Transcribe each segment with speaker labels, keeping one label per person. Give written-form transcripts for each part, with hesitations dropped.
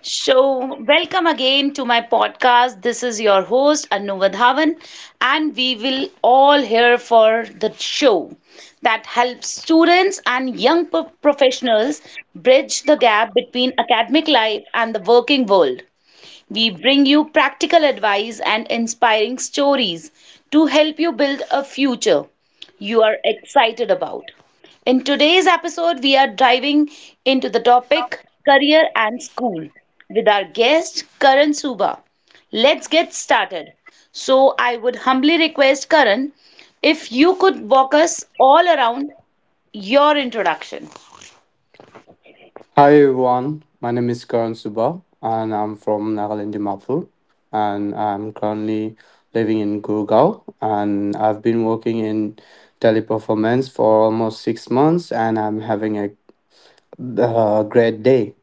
Speaker 1: So, welcome again to my podcast. This is your host Anu Vadhavan, and we will all here for the show that helps students and young professionals bridge the gap between academic life and the working world. We bring you practical advice and inspiring stories to help you build a future you are excited about. In today's episode, we are diving into the topic career and school with our guest Karan Suba. Let's get started. So, I would humbly request Karan if you could walk us all around your introduction.
Speaker 2: Hi everyone, my name is Karan Suba and I'm from Nagaland Dimapur and I'm currently living in Gurgaon and I've been working in teleperformance for almost 6 months and I'm having a great day,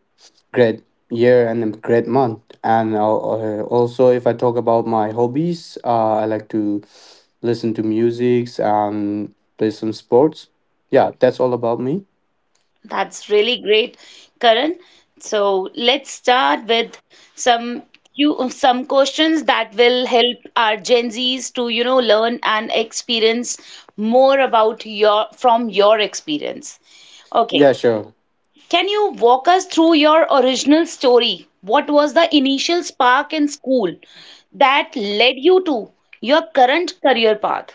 Speaker 2: great year and a great month. And also if I talk about my hobbies, I like to listen to music and play some sports. Yeah, that's all about me.
Speaker 1: That's really great, Karan. So let's start with some some questions that will help our Gen Zs to, you know, learn and experience more about your from your experience. Okay.
Speaker 2: Yeah, sure.
Speaker 1: Can you walk us through your original story? What was the initial spark in school that led you to your current career path?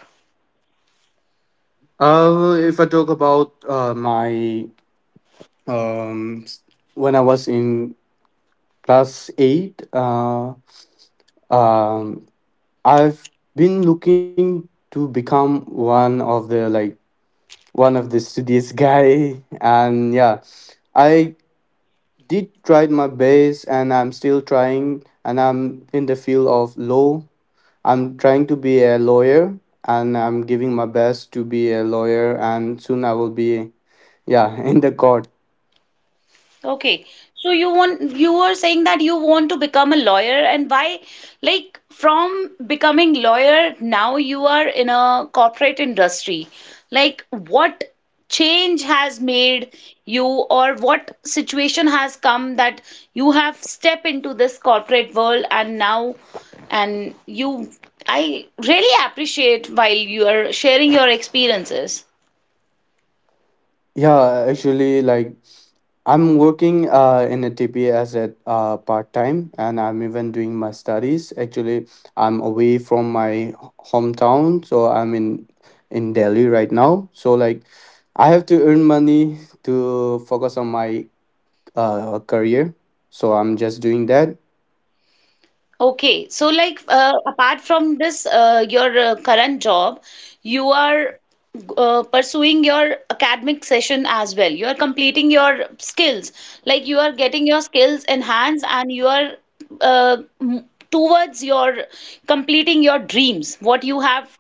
Speaker 2: If I talk about my um, s- when I was in class eight, um, I've been looking to become one of the studious guy, and yeah, I did tried my best, and I'm still trying, and I'm in the field of law. I'm trying to be a lawyer, and I'm giving my best to be a lawyer, and soon I will be, yeah, in the court.
Speaker 1: Okay. So you were saying that you want to become a lawyer, and why, like, from becoming lawyer now you are in a corporate industry. Like what change has made you or what situation has come that you have stepped into this corporate world, and now, and you I really appreciate while you are sharing your experiences.
Speaker 2: Yeah, actually, like I'm working in a T P as a part time, and I'm even doing my studies. Actually, I'm away from my hometown, so I'm in Delhi right now. So like, I have to earn money to focus on my career. So I'm just doing that.
Speaker 1: Okay, so like, apart from this, your current job, you are pursuing your academic session as well. You are completing your skills, like you are getting your skills enhanced, and you are uh, m- towards your completing your dreams, what you have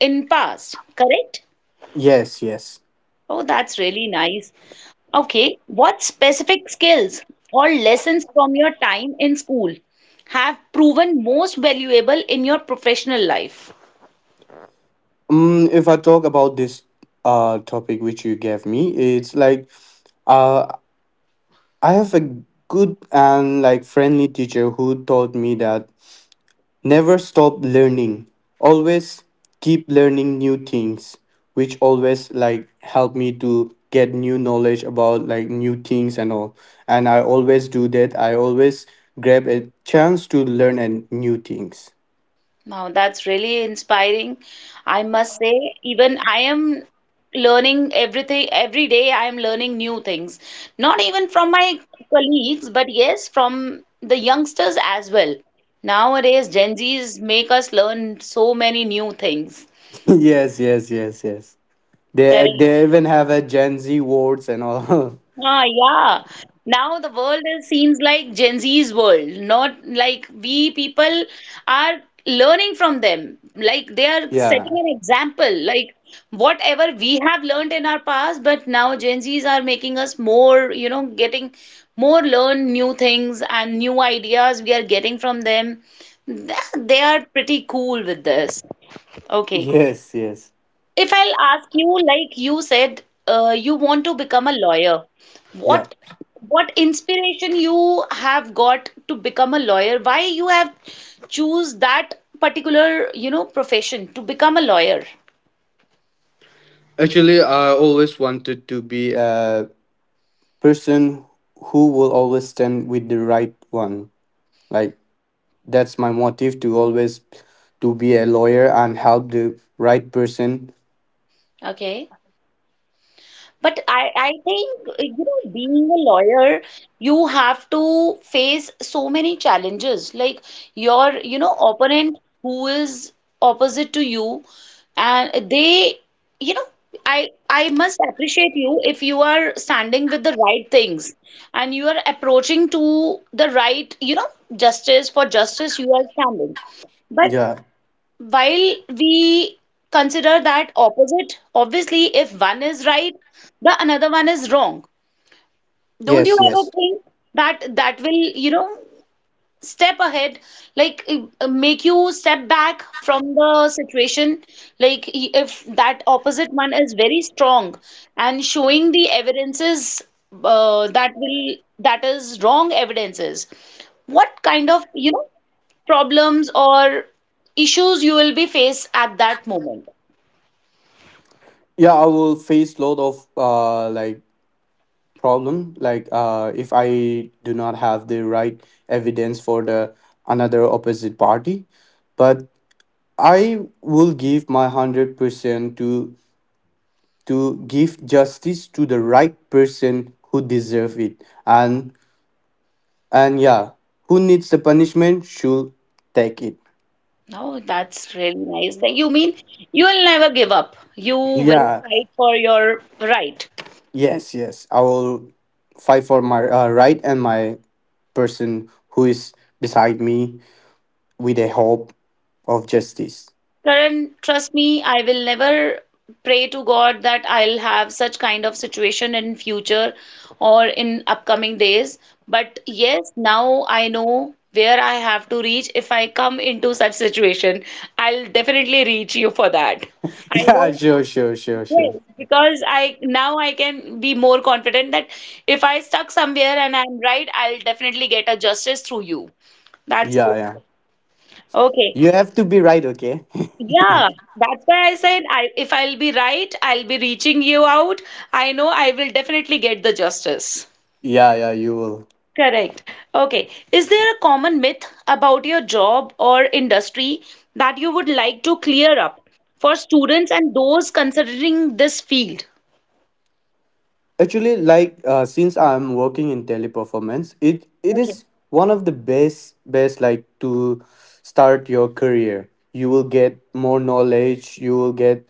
Speaker 1: in past, correct?
Speaker 2: Yes, yes.
Speaker 1: Oh, that's really nice. Okay, what specific skills or lessons from your time in school have proven most valuable in your professional life?
Speaker 2: If I talk about this topic which you gave me, it's like. Uh, I have a good and like friendly teacher who taught me that never stop learning. Always keep learning new things, which always like help me to get new knowledge about like new things and all. And I always do that. I always grab a chance to learn and new things.
Speaker 1: Now, that's really inspiring. I must say, even I am learning everything every day. I am learning new things, not even from my colleagues, but yes, from the youngsters as well. Nowadays, Gen Zs make us learn so many new things.
Speaker 2: Yes, yes, yes, yes. They
Speaker 1: Correct.
Speaker 2: they even have a Gen Z words and all.
Speaker 1: Ah, yeah. Now the world is, seems like Gen Z's world, not like we people are learning from them. Like they
Speaker 2: Yeah.
Speaker 1: are setting an example, like whatever we have learned in our past, but now Gen Z's are making us more, you know, getting more learn new things and new ideas we are getting from them. Th- They are pretty cool with this. Okay.
Speaker 2: Yes, yes.
Speaker 1: If I'll ask you, like you said, you want to become a lawyer.
Speaker 2: Yeah.
Speaker 1: What what inspiration you have got to become a lawyer? Why you have choose that particular, you know, profession to become a lawyer?
Speaker 2: Actually, I always wanted to be a person who will always stand with the right one. Like that's my motive to always to be a lawyer and help the right person.
Speaker 1: Okay. But I think, you know, being a lawyer, you have to face so many challenges. Like your, opponent who is opposite to you, and they, you know, I must appreciate you if you are standing with the right things, and you are approaching to the right, justice, for justice you are standing. But
Speaker 2: Yeah.
Speaker 1: while we consider that opposite, obviously, if one is right, the another one is wrong. Don't you
Speaker 2: Yes, yes.
Speaker 1: ever think that that will, step ahead, like make you step back from the situation, like if that opposite one is very strong and showing the evidences, uh, that will that is wrong evidences, what kind of problems or issues you will be faced at that moment.
Speaker 2: Yeah, I will face lot of like problem like if I do not have the right evidence for the another opposite party, but I will give my 100% to give justice to the right person who deserve it and and yeah who needs the punishment should take it.
Speaker 1: Oh, that's really nice. Then you mean you will never give up, you will
Speaker 2: Yeah,
Speaker 1: fight for your right.
Speaker 2: yes, yes, I will fight for my right and my person who is beside me with a hope of justice.
Speaker 1: Karan, trust me, I will never pray to God that I'll have such kind of situation in future or in upcoming days. But yes, now I know where I have to reach. If I come into such situation, I'll definitely reach you for that. I
Speaker 2: Yeah,
Speaker 1: know,
Speaker 2: sure, sure, sure, sure.
Speaker 1: yes, because I now I can be more confident that if I stuck somewhere and I'm right, I'll definitely get a justice through you. That's
Speaker 2: Yeah, yeah,
Speaker 1: good. Okay.
Speaker 2: you have to be right, okay.
Speaker 1: Yeah, that's why I said, I if I'll be right, I'll be reaching you out. I know I will definitely get the justice.
Speaker 2: Yeah, yeah, you will.
Speaker 1: Correct. Okay. Is there a common myth about your job or industry that you would like to clear up for students and those considering this field?
Speaker 2: Actually, like since I'm working in teleperformance, it
Speaker 1: Okay.
Speaker 2: is one of the best like to start your career. You will get more knowledge. You will get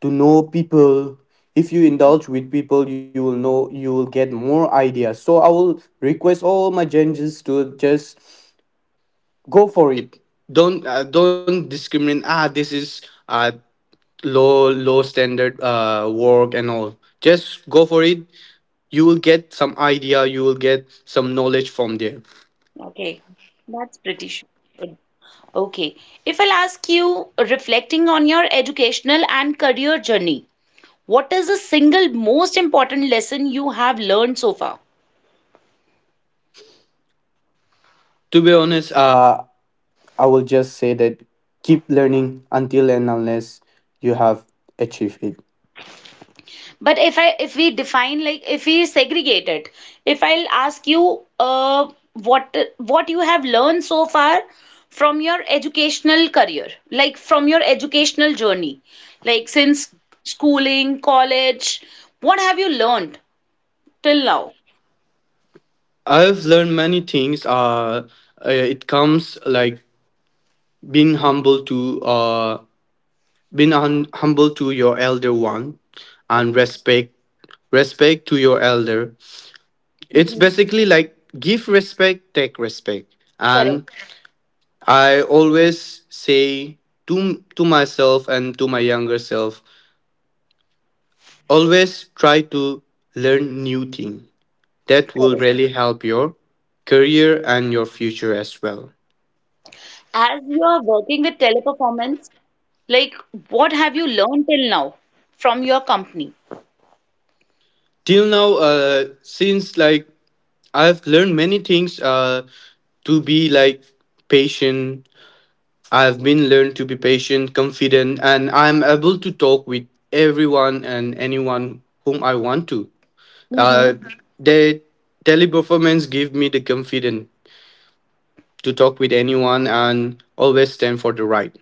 Speaker 2: to know people. If you indulge with people, you will get more ideas. So I will request all my changes to just go for it. Don't discriminate. Ah, this is low standard work and all, just go for it, you will get some idea, you will get some knowledge from there.
Speaker 1: Okay. That's pretty sure. Okay. If I'll ask you, reflecting on your educational and career journey, what is the single most important lesson you have learned so far?
Speaker 2: To be honest, I will just say that keep learning until and unless you have achieved it.
Speaker 1: But if we define, like if we segregate it, if I'll ask you, what you have learned so far from your educational career, like from your educational journey, like since schooling, college, what have you learned till now?
Speaker 2: I've learned many things, it comes like being humble to humble to your elder one and
Speaker 1: Okay.
Speaker 2: respect, respect to your elder. It's
Speaker 1: Hmm.
Speaker 2: basically like give respect, take respect.
Speaker 1: Correct.
Speaker 2: And I always say to myself and to my younger self, always try to learn new thing. That will
Speaker 1: Correct.
Speaker 2: really help your career and your future as well.
Speaker 1: As you are working with teleperformance, like what have you learned till now from your company?
Speaker 2: Till now, since like I've learned many things, to be like patient. I've been learned to be patient, confident, and I'm able to talk with everyone and anyone whom I want to.
Speaker 1: Hmm.
Speaker 2: Uh, the teleperformance give me the confidence to talk with anyone and always stand for the right.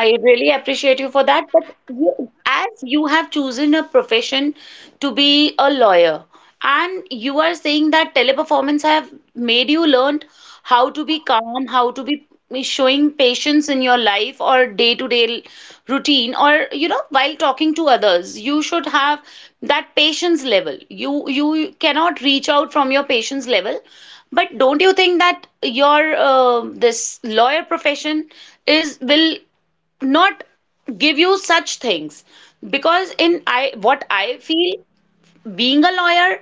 Speaker 1: I really appreciate you for that. But you, as you have chosen a profession to be a lawyer, and you are saying that teleperformance have made you learned how to be calm, how to be showing patience in your life or day-to-day routine, or, you know, while talking to others, you should have that patience level. You cannot reach out from your patience level. But don't you think that your, this lawyer profession is will not give you such things, because in I what I feel, being a lawyer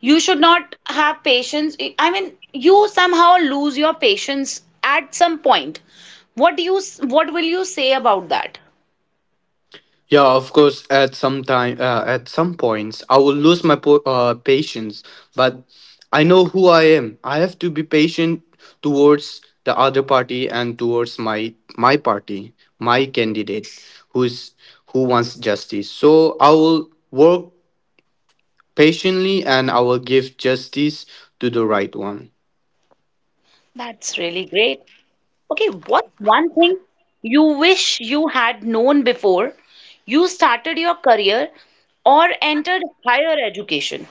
Speaker 1: you should not have patience, I mean you somehow lose your patience at some point. What will you say about that?
Speaker 2: Yeah, of course. At some time, at some points, I will lose my patience. But I know who I am. I have to be patient towards the other party and towards my party, my candidate, who's who wants justice. So I will work patiently and I will give justice to the right one.
Speaker 1: That's really great. Okay, what's one thing you wish you had known before you started your career or entered higher education?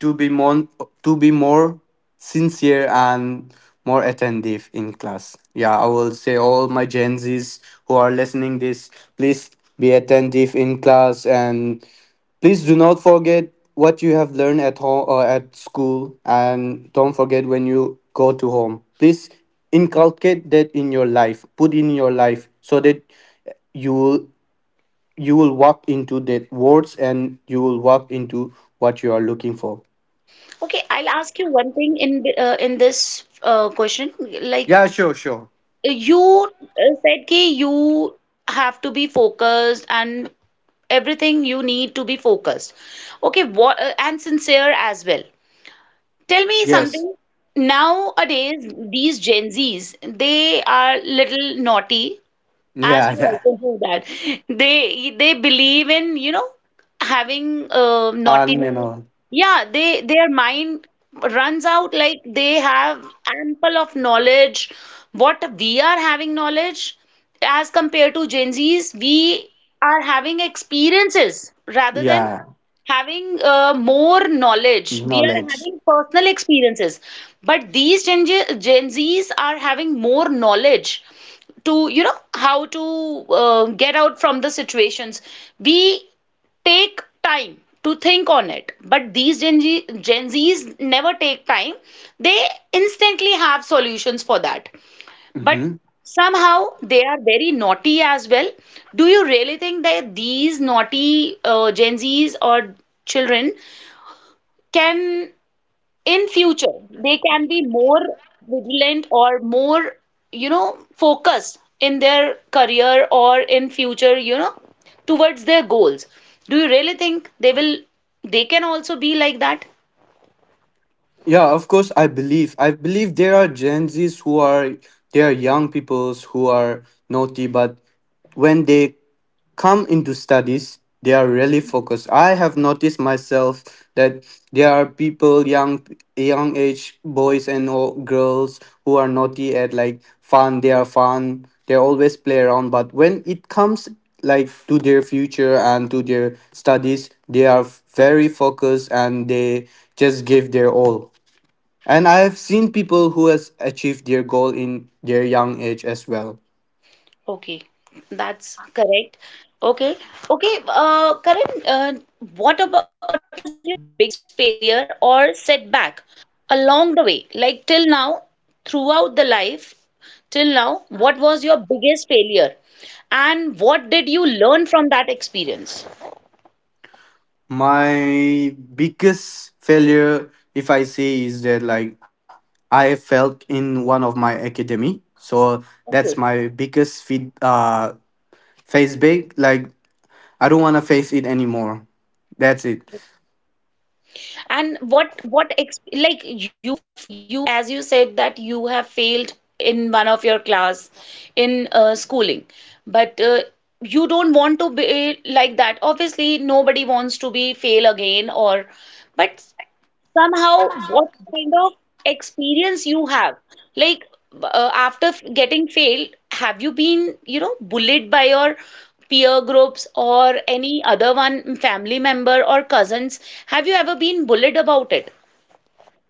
Speaker 2: To be more, to be more sincere and more attentive in class. Yeah, I will say all my Gen Z's who are listening this, please be attentive in class, and please do not forget what you have learned at home or at school, and don't forget when you go to home, please inculcate that in your life, put in your life, so that you will you will walk into that words and you will walk into what you are looking for.
Speaker 1: Okay, I'll ask you one thing in in this question. Like
Speaker 2: Yeah, sure, sure.
Speaker 1: you said, कि you have to be focused, and everything you need to be focused. Okay, what, and sincere as well. Tell me
Speaker 2: Yes.
Speaker 1: something. Nowadays, these Gen Zs, they are little naughty, as
Speaker 2: Yeah,
Speaker 1: you
Speaker 2: yeah.
Speaker 1: also do that, they believe in, having,
Speaker 2: And you
Speaker 1: naughtiness.
Speaker 2: know,
Speaker 1: Yeah, they their mind runs out, like they have ample of knowledge. What we are having knowledge as compared to Gen Z's, we are having experiences rather than
Speaker 2: yeah,
Speaker 1: having, more knowledge, we are
Speaker 2: knowledge.
Speaker 1: having personal experiences. But these Gen Z's are having more knowledge to, you know, how to, get out from the situations. We take time to think on it, but these Gen Z's never take time, they instantly have solutions for that. But
Speaker 2: Hmm.
Speaker 1: somehow they are very naughty as well. Do you really think that these naughty, Gen Z's or children can in future, they can be more vigilant or more, you know, focused in their career or in future, you know, towards their goals? Do you really think they will, they can also be like that?
Speaker 2: Yeah, of course. I believe. I believe there are Gen Zs who are, there are young peoples who are naughty, but when they come into studies they are really focused. I have noticed myself that there are people, young age boys and girls who are naughty at like fun, they are fun, they always play around, but when it comes like to their future and to their studies they are very focused and they just give their all, and I have seen people who has achieved their goal in their young age as well.
Speaker 1: Okay, that's correct. Okay, okay, Karan, what was your biggest failure or setback along the way? Like till now, throughout the life, till now, what was your biggest failure, and what did you learn from that experience?
Speaker 2: My biggest failure, if I say, is that like I felt in one of my academy. So that's
Speaker 1: Okay.
Speaker 2: my biggest feed face back. Like I don't wanna face it anymore. That's it.
Speaker 1: And what ex, like you as you said that you have failed in one of your class in, schooling, but, you don't want to be like that. Obviously, nobody wants to be fail again, or, but somehow, what kind of experience you have, like, after getting failed, have you been, bullied by your peer groups or any other one family member or cousins, have you ever been bullied about it?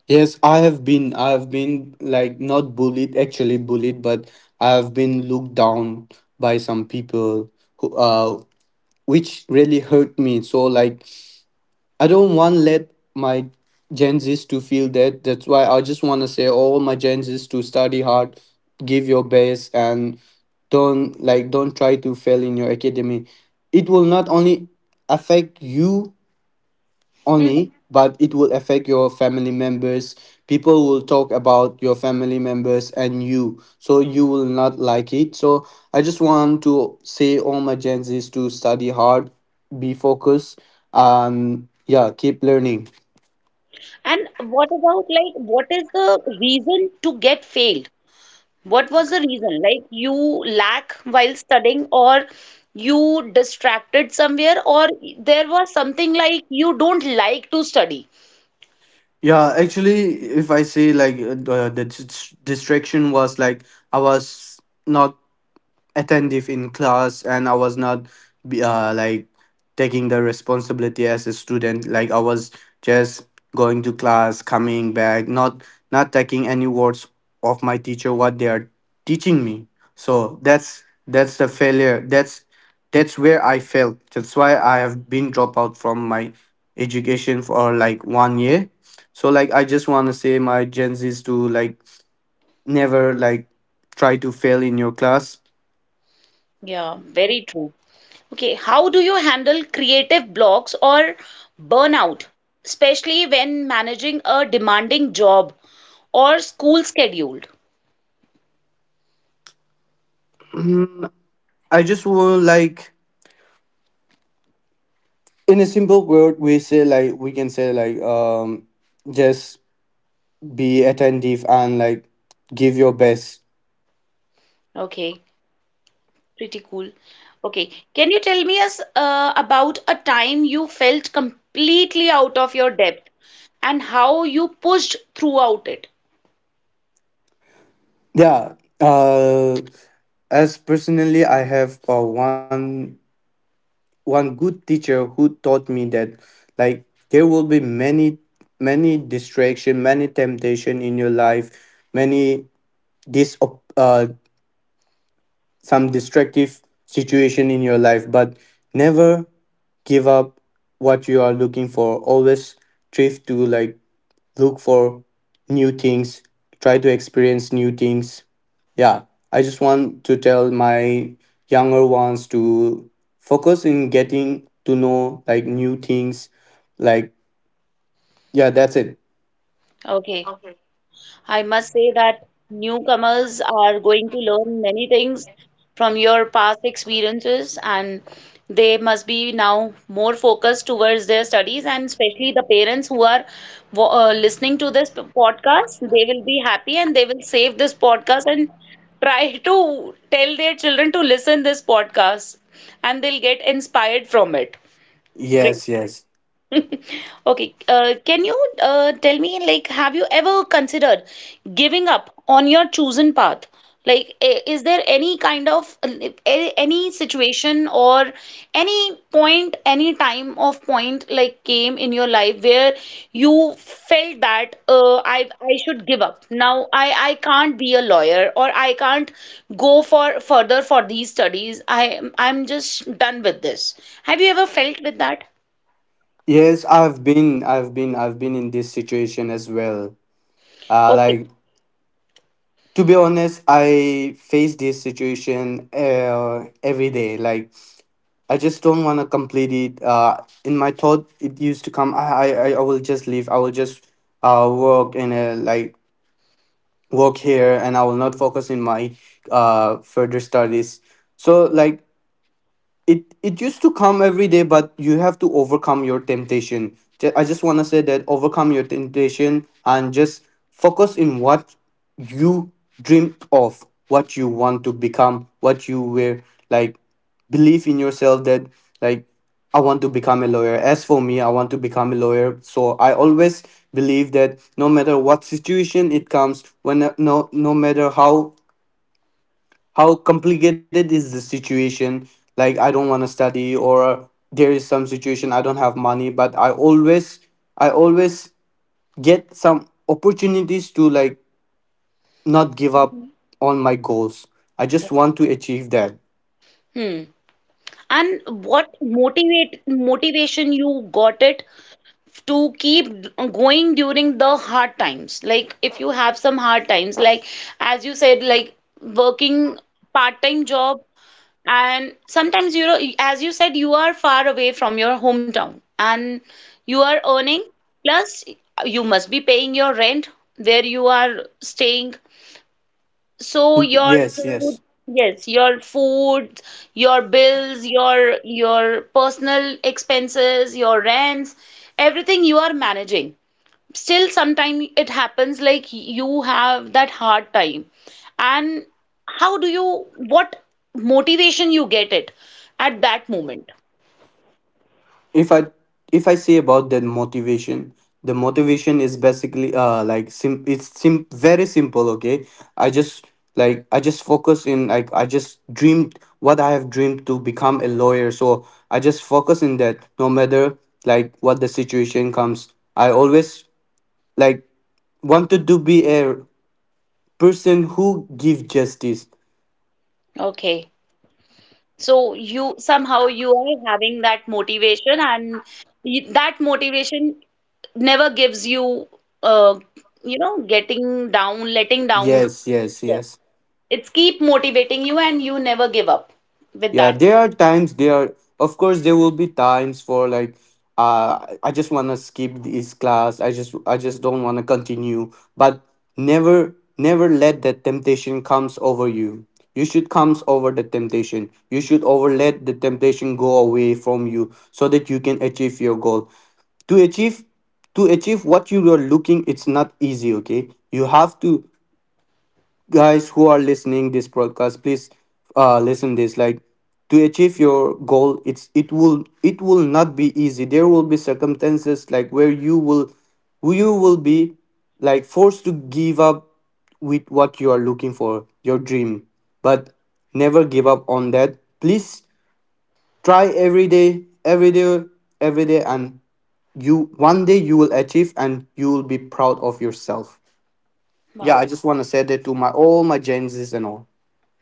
Speaker 2: Yes, I have been like not bullied, actually bullied, but I have been looked down by some people who which really hurt me. So like I don't want let my Gen Zs to feel that. That's why I just want to say all my Gen Zs to study hard, give your best, and don't try to fail in your academy. It will not only affect you only,
Speaker 1: Mhm.
Speaker 2: but it will affect your family members. People will talk about your family members and you, so you will not like it. So I just want to say all my Gen Zs to study hard, be focused, and yeah, keep learning.
Speaker 1: And what about, like, what is the reason to get failed? What was the reason, like you lack while studying, or you distracted somewhere, or there was something like you don't like to study?
Speaker 2: Yeah, actually, if I say like uh, distraction was like I was not attentive in class and I was not like taking the responsibility as a student, like I was just going to class, coming back, not taking any words of my teacher what they are teaching me. So that's the failure, that's where I failed, that's why I have been dropped out from my education for like 1 year. So like I just want to say my Gen Z's to like never like try to fail in your class.
Speaker 1: Yeah, very true. Okay, how do you handle creative blocks or burnout, especially when managing a demanding job or school schedule?
Speaker 2: Mm, I just want like in a simple word we say, like we can say like just be attentive and like give your best.
Speaker 1: Okay, pretty cool. Okay, can you tell me us about a time you felt completely out of your depth and how you pushed throughout it?
Speaker 2: Yeah. Uh as personally I have one good teacher who taught me that like there will be many, many distraction, many temptation in your life, many this uh some distractive situation in your life, but never give up what you are looking for. Always strive to like look for new things, try to experience new things. Yeah, I just want to tell my younger ones to focus in getting to know like new things. Like yeah, that's it.
Speaker 1: Okay. I must say that newcomers are going to learn many things from your past experiences, and they must be now more focused towards their studies. And especially the parents who are listening to this podcast, they will be happy and they will save this podcast and try to tell their children to listen this podcast, and they'll get inspired from it. Great.
Speaker 2: Yes, yes.
Speaker 1: Okay, can you, tell me, like, have you ever considered giving up on your chosen path? Like, is there any kind of, any situation or any point, any time of point, like, came in your life where you felt that, I should give up. Now I can't be a lawyer, or I can't go for further for these studies. I'm just done with this. Have you ever felt with that?
Speaker 2: Yes, I've been in this situation as well. Uh
Speaker 1: Okay.
Speaker 2: like to be honest, I face this situation every day. Like I just don't want to complete it. In my thought, it used to come. I will just leave. I will just work in a like work here, and I will not focus in my further studies. So it used to come every day, but you have to overcome your temptation. I just want to say that overcome your temptation and just focus in what you dream of, what you want to become, what you were, like believe in yourself that, like I want to become a lawyer. As for me, I want to become a lawyer, so I always believe that no matter what situation it comes, when no, no matter how complicated is the situation, like I don't want to study, or there is some situation I don't have money, but I always, I always get some opportunities to, not give up on my goals. I just want to achieve that.
Speaker 1: Hmm. And what motivate motivation you got it to keep going during the hard times? Like if you have some hard times, like as you said, like working part-time job, and sometimes, as you said, you are far away from your hometown, and you are earning, plus you must be paying your rent where you are staying, so your
Speaker 2: Yes,
Speaker 1: food,
Speaker 2: yes.
Speaker 1: yes, your food, your bills, your personal expenses, your rents, everything you are managing. Still, sometimes it happens like you have that hard time. And how do you, what motivation you get it at that moment?
Speaker 2: If I, if I say about the motivation, the motivation is basically like sim it's sim very simple, okay? I just, like I just focus in, like I just dreamed what I have dreamed to become a lawyer. So I just focus in that, no matter like what the situation comes, I always, like wanted to be a person who give justice.
Speaker 1: Okay. So you somehow you are having that motivation, and that motivation never gives you, uh, getting down, letting down.
Speaker 2: Yes, yes,
Speaker 1: Yes.
Speaker 2: yes.
Speaker 1: It's keep motivating you, and you never give up with
Speaker 2: Yeah,
Speaker 1: that.
Speaker 2: there are times, there are, of course there will be times for, I just wanna skip this class. I just, I just don't wanna continue. But never, never let that temptation comes over you. You should comes over the temptation. You should over let the temptation go away from you so that you can achieve your goal. To achieve to achieve what you are looking, it's not easy, okay? You have to, guys who are listening this podcast, please, listen this, to achieve your goal, it's, it will, it will not be easy. There will be circumstances, like where you will, you will be, forced to give up with what you are looking for, your dream. But never give up on that, please. Try every day, every day and you, one day you will achieve, and you will be proud of yourself. Yeah, I
Speaker 1: Wow,
Speaker 2: just want to say that to my all my genesis and all.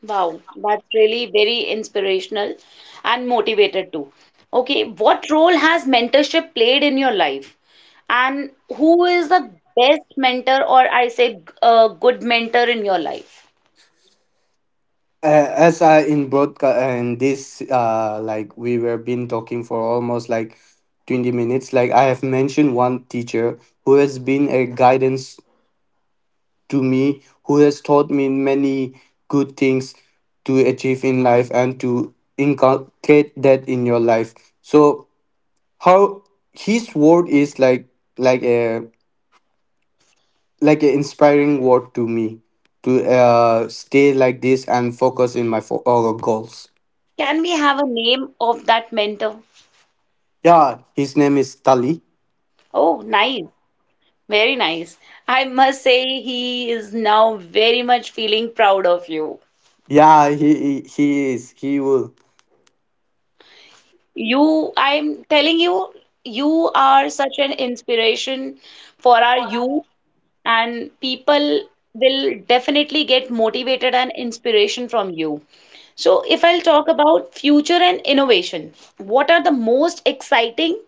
Speaker 1: wow, that's really very inspirational and motivated too. Okay, what role has mentorship played in your life? And who is the best mentor, or I say, a good mentor in your life?
Speaker 2: As In broadcast and this, like we were been talking for almost like 20 minutes, like I have mentioned one teacher who has been a guidance to me, who has taught me many good things to achieve in life and to inculcate that in your life. So how his word is like, a, like an inspiring word to me to stay like this and focus in my goals.
Speaker 1: Can we have a name of that mentor?
Speaker 2: Yeah, his name is Tali.
Speaker 1: Oh, nice. Very nice. I must say he is now very much feeling proud of you.
Speaker 2: Yeah, he is. He will.
Speaker 1: You, I'm telling you, you are such an inspiration for our youth, and people will definitely get motivated and inspiration from you. So, if I'll talk about future and innovation, what are the most exciting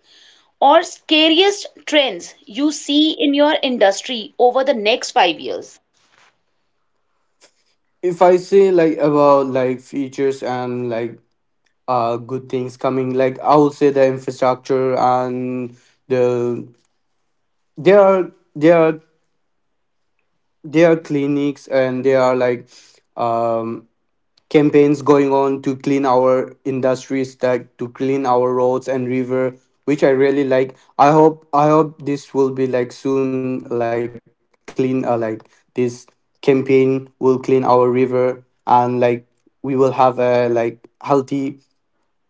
Speaker 1: or scariest trends you see in your industry over the next 5 years?
Speaker 2: If I say like about like features and good things coming, like I will say the infrastructure and the, there are there are there are clinics, and there are um campaigns going on to clean our industries, that to clean our roads and river, which I really like. I hope this will be like soon, like clean, like this campaign will clean our river. And we will have a like healthy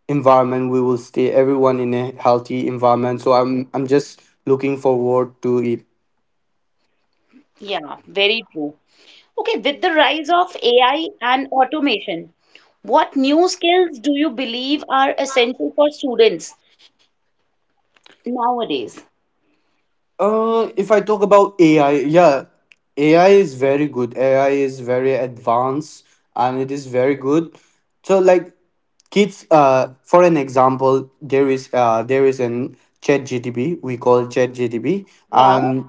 Speaker 2: environment, we will stay everyone in a healthy environment. So I'm just looking forward to it.
Speaker 1: Yeah, very true. Okay, with the rise of AI and automation, what new skills do you believe are essential for students nowadays?
Speaker 2: If I talk about AI, yeah, AI is very good. AI is very advanced and it is very good. So like kids, for an example, there is an chat GTB, we call chat GTB,
Speaker 1: Yeah,
Speaker 2: and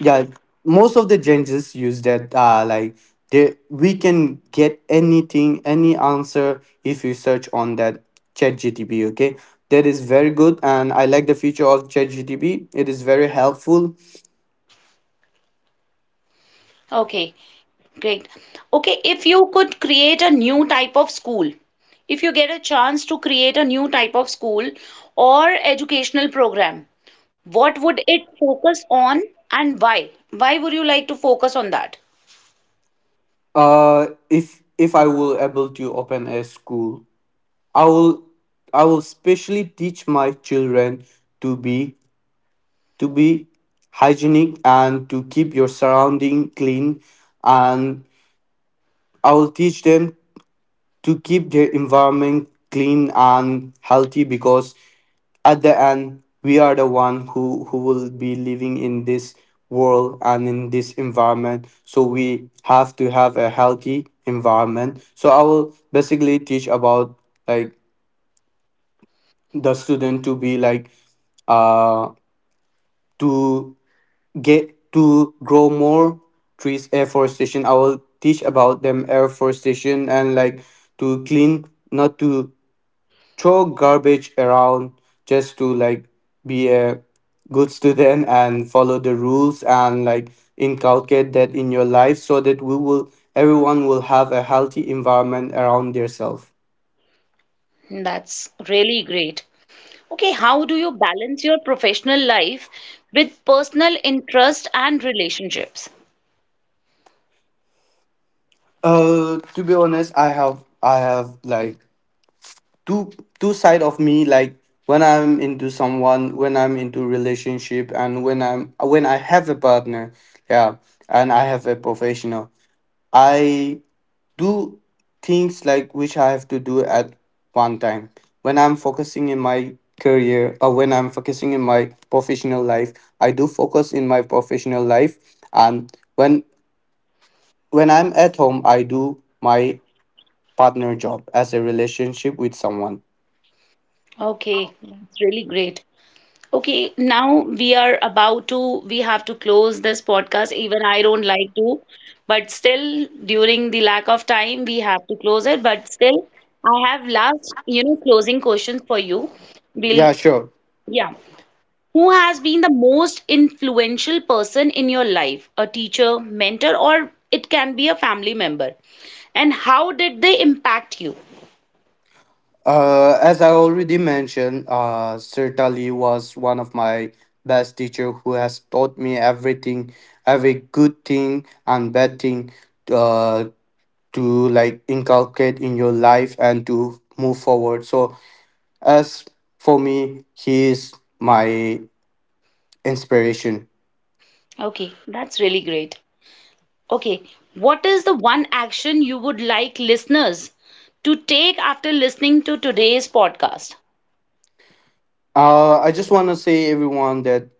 Speaker 2: yeah, most of the changes use that, they, we can get anything, any answer if you search on that chat gtp. Okay, that is very good, and I like the feature of chat gtp. It is very helpful.
Speaker 1: okay. Great. Okay, if you could create a new type of school, if you get a chance to create a new type of school or educational program, what would it focus on, and why? Why would you like to focus on that?
Speaker 2: If I will able to open a school, I will, I will specially teach my children to be, to be hygienic, and to keep your surrounding clean. And I will teach them to keep their environment clean and healthy, because at the end, we are the one who will be living in this world and in this environment. So we have to have a healthy environment. So I will basically teach about, like the student to be, like uh to get to grow more trees, afforestation. I will teach about them afforestation, and like to clean, not to throw garbage around, just to be a good student and follow the rules, and like inculcate that in your life so that we will, everyone will have a healthy environment around themselves.
Speaker 1: That's really great. Okay, how do you balance your professional life with personal interest and relationships?
Speaker 2: To be honest, I have like two two side of me, like when I'm into someone, when I'm into relationship, and when I'm, when I have a partner, yeah, and I have a professional, I do things like which I have to do at one time. When I'm focusing in my career, or when I'm focusing in my professional life, I do focus in my professional life. And when I'm at home, I do my partner job as a relationship with someone.
Speaker 1: Okay, that's really great. Okay, now we are about to, we have to close this podcast. Even I don't like to, but still, during the lack of time, we have to close it. But still, I have last, you know, closing questions for you. Will
Speaker 2: Yeah, sure.
Speaker 1: Yeah. Who has been the most influential person in your life? A teacher, mentor, or it can be a family member. And how did they impact you?
Speaker 2: As I already mentioned, certainly was one of my best teacher who has taught me everything, every good thing and bad thing, uh, to like inculcate in your life and to move forward. So as for me, he is my inspiration.
Speaker 1: Okay, that's really great. Okay, what is the one action you would like listeners to take after listening to today's podcast?
Speaker 2: I just want to say everyone that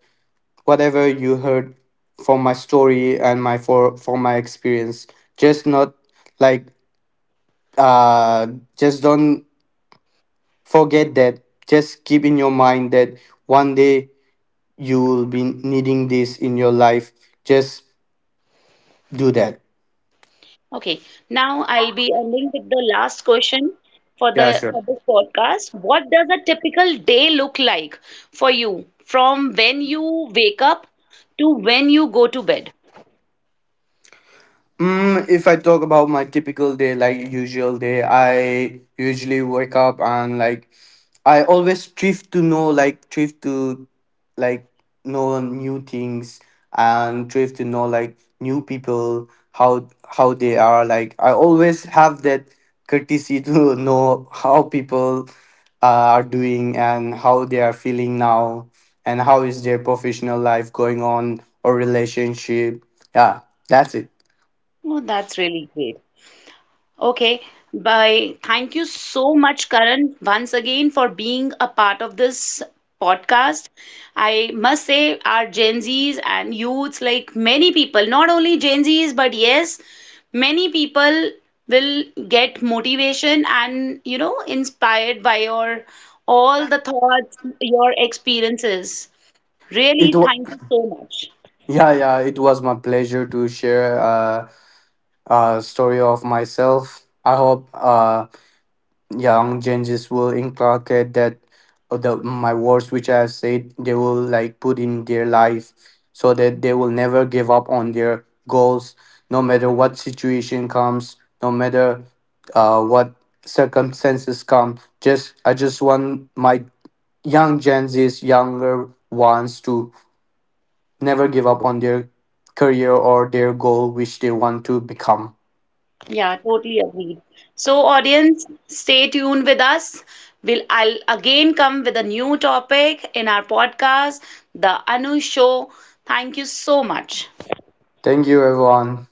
Speaker 2: whatever you heard from my story and my for from my experience, just not like uh just don't forget that. Just keep in your mind that one day you will be needing this in your life. Just do that.
Speaker 1: Okay, now I'll be ending with the last question for the
Speaker 2: Yeah,
Speaker 1: for
Speaker 2: sure.
Speaker 1: this podcast. What does a typical day look like for you from when you wake up to when you go to bed?
Speaker 2: Mm, if I talk about my typical day, like usual day, I usually wake up and like I always strive to know, like strive to like know new things, and strive to know like new people, how they are. Like I always have that courtesy to know how people are doing and how they are feeling now, and how is their professional life going on or relationship. Yeah, that's it.
Speaker 1: Oh, that's really great. Okay, bye. Thank you so much, Karan, once again for being a part of this podcast. I must say, our Gen Zs and youths, like many people, not only Gen Zs, but yes, many people will get motivation and, you know, inspired by your all the thoughts, your experiences.
Speaker 2: It
Speaker 1: Really,
Speaker 2: was,
Speaker 1: thank you so much.
Speaker 2: yeah, yeah, it was my pleasure to share, a story of myself. I hope, young changes will inculcate that, the my words which I have said, they will like put in their life so that they will never give up on their goals, no matter what situation comes, no matter, what circumstances come. Just I just want my young Gen Z's younger ones to never give up on their career or their goal which they want to become.
Speaker 1: Yeah, totally agreed. So, audience, stay tuned with us. We'll I'll again come with a new topic in our podcast, The Anu Show. Thank you so much.
Speaker 2: Thank you everyone.